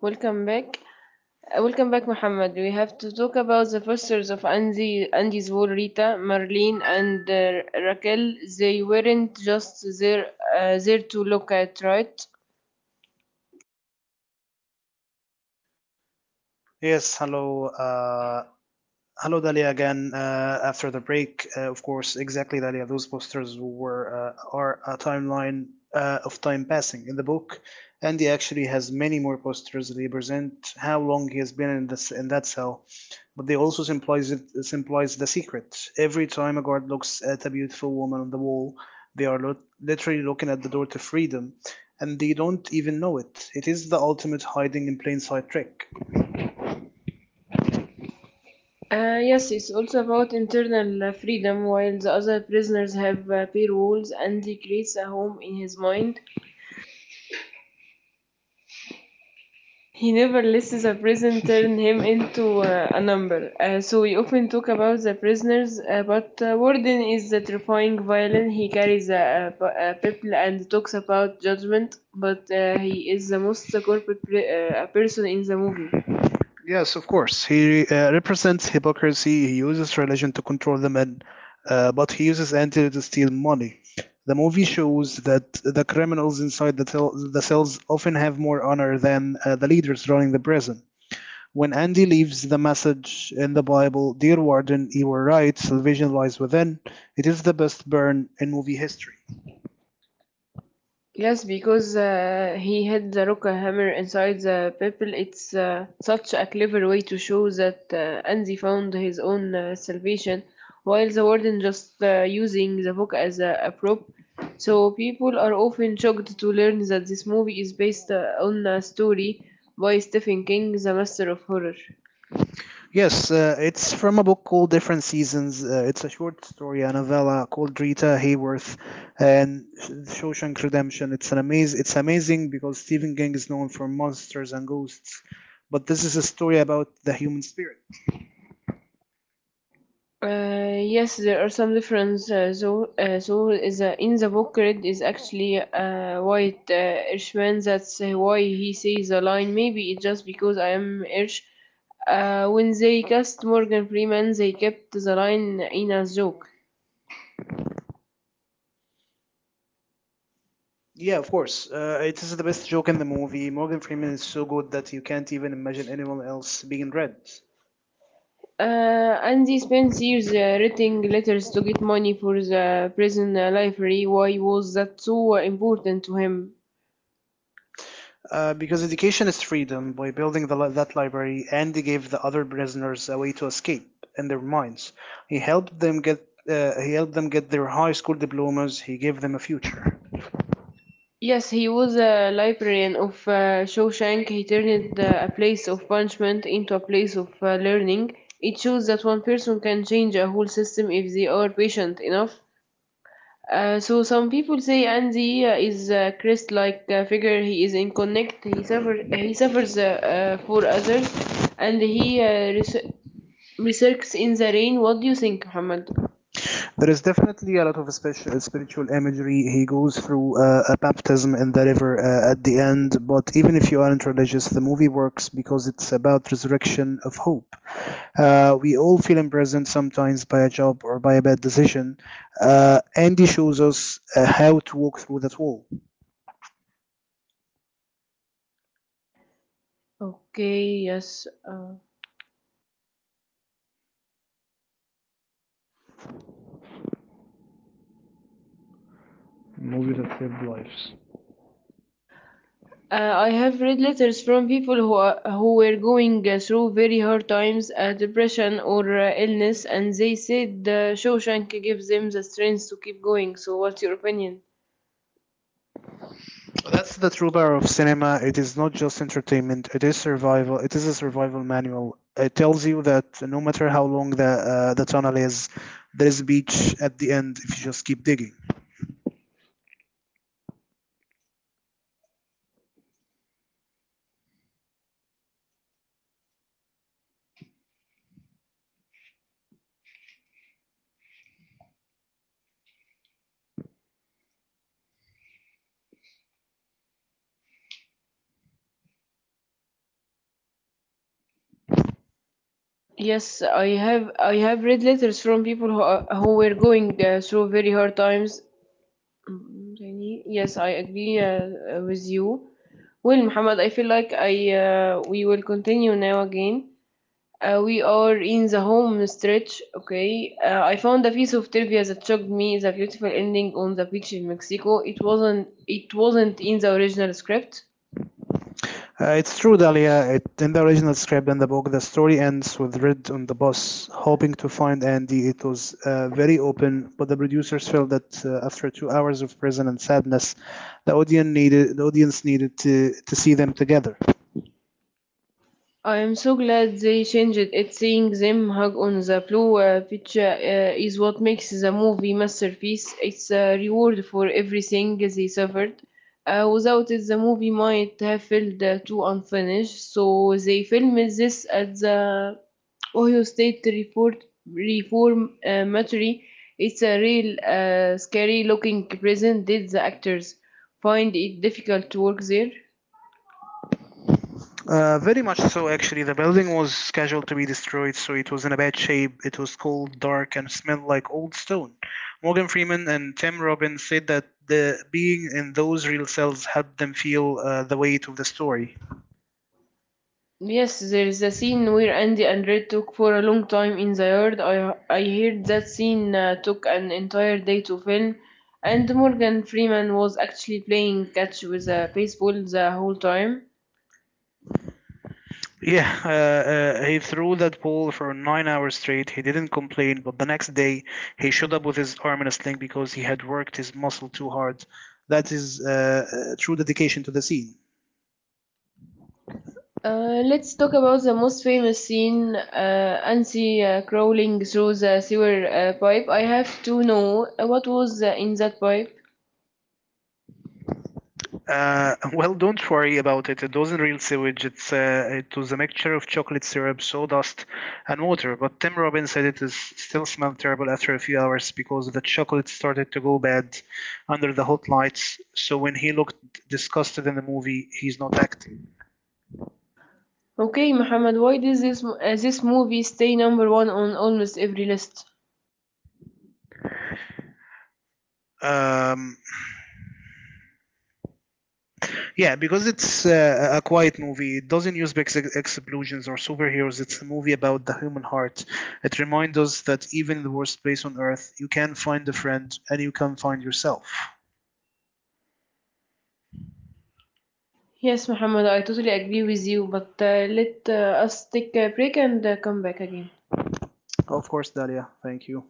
Welcome back. Welcome back, Muhammad. We have to talk about the fosters of Andy, Andy's wall, Rita, Marlene, and Raquel. They weren't just there, there to look at, right? Yes, hello. Hello, Dalia, again after the break. Of course, exactly, Dalia. Those posters were are a timeline of time passing in the book, and he actually has many more posters that represent how long he has been in this in that cell. But they also symbolize symbolize the secret. Every time a guard looks at a beautiful woman on the wall, they are literally looking at the door to freedom, and they don't even know it. It is the ultimate hiding in plain sight trick. Yes, it's also about internal freedom. While the other prisoners have pair walls, Andy creates a home in his mind. He never lets the prison turn him into a number, so we often talk about the prisoners, but Warden is the terrifying violin. He carries a people and talks about judgment, but he is the most corporate person in the movie. Yes, of course. He represents hypocrisy. He uses religion to control the men, but he uses anti to steal money. The movie shows that the criminals inside the cells often have more honor than the leaders running the prison. When Andy leaves the message in the Bible, "Dear Warden, you were right, salvation lies within," it is the best burn in movie history. Yes, because he had the rock hammer inside the people. It's such a clever way to show that Anzi found his own salvation, while the warden just using the book as a prop. So people are often shocked to learn that this movie is based on a story by Stephen King, the master of horror. Yes, it's from a book called Different Seasons. It's a short story, a novella called Rita Hayworth and Shawshank Redemption. It's an amazing. It's amazing because Stephen King is known for monsters and ghosts, but this is a story about the human spirit. Yes, there are some differences. So, so is in the book, red is actually white Irishman. That's why he says the line. Maybe it's just because I am Irish. When they cast Morgan Freeman, they kept the line in as joke. Yeah, of course. It is the best joke in the movie. Morgan Freeman is so good that you can't even imagine anyone else being read. Uh, Andy spends years writing letters to get money for the prison library. Why was that so important to him? Because education is freedom. By building that library, and he gave the other prisoners a way to escape in their minds. He helped them get he helped them get their high school diplomas. He gave them a future. Yes, he was a librarian of Shawshank. He turned a place of punishment into a place of learning. It shows that one person can change a whole system if they are patient enough. So some people say Andy is a Christ-like figure. He is in connect. He suffers. He suffers for others, and he resurks in the rain. What do you think, Muhammad? There is definitely a lot of spiritual imagery. He goes through a baptism in the river at the end, but even if you aren't religious, the movie works because it's about resurrection of hope. We all feel imprisoned sometimes by a job or by a bad decision. Andy shows us how to walk through that wall. Okay. Yes. I have read letters from people who are, who were going through very hard times, depression or illness, and they said Shawshank gives them the strength to keep going. So, what's your opinion? That's the true power of cinema. It is not just entertainment. It is survival. It is a survival manual. It tells you that no matter how long the tunnel is, there is a beach at the end if you just keep digging. Yes, I have read letters from people who are, who were going through very hard times. Mm, yes, I agree with you. Well, Muhammad, I feel like I we will continue now again. We are in the home stretch, okay. I found a piece of trivia that shocked me: the beautiful ending on the beach in Mexico. It wasn't in the original script. It's true, Dahlia. In the original script and the book, the story ends with Red on the bus hoping to find Andy. It was very open, but the producers felt that after 2 hours of prison and sadness, the audience needed to see them together. I am so glad they changed it. Seeing them hug on the blue picture is what makes the movie masterpiece. It's a reward for everything they suffered. Without it, the movie might have felt too unfinished. So they filmed this at the Ohio State Report Reform It's a real scary looking prison. Did the actors find it difficult to work there? Very much so, actually. The building was scheduled to be destroyed, so it was in a bad shape. It was cold, dark, and smelled like old stone. Morgan Freeman and Tim Robbins said that the being in those real cells helped them feel the weight of the story. Yes, there is a scene where Andy and Red talk for a long time in the yard. I heard that scene took an entire day to film, and Morgan Freeman was actually playing catch with a baseball the whole time. Yeah, he threw that pole for 9 hours straight. He didn't complain, but the next day he showed up with his arm in a sling because he had worked his muscle too hard. That is true dedication to the scene. Let's talk about the most famous scene, Ansi crawling through the sewer pipe. I have to know what was in that pipe. Well, don't worry about it. It doesn't real sewage. It was a mixture of chocolate syrup, sawdust, and water. But Tim Robbins said it is still smelled terrible after a few hours because the chocolate started to go bad under the hot lights. So when he looked disgusted in the movie, he's not acting. Okay, Muhammad, why does this movie stay number one on almost every list? Um, Yeah, because it's a quiet movie. It doesn't use big explosions or superheroes. It's a movie about the human heart. It reminds us that even in the worst place on earth, you can find a friend and you can find yourself. Yes, Muhammad, I totally agree with you, but let us take a break and come back again. Of course, Dalia. Thank you.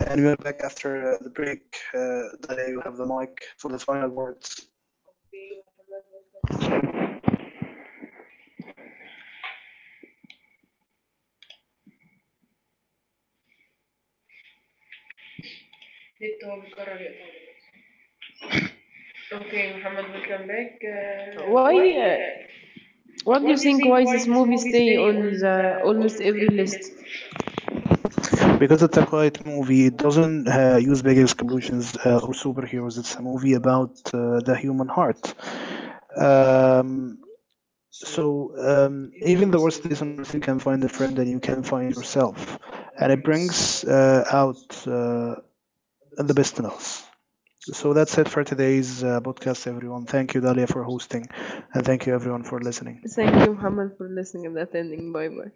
And we are back after the break. Dalia, you have the mic for the final words. Why? What do you think? Why this movie stay on the almost every list? Because it's a quiet movie, it doesn't use big explosions or superheroes. It's a movie about the human heart. Um, so Even the worst place on earth, you can find a friend and you can find yourself, and it brings out the best in us. So that's it for today's podcast, everyone. Thank you, Dalia, for hosting, and thank you everyone for listening. Thank you, Muhammad, for listening and attending. Bye bye.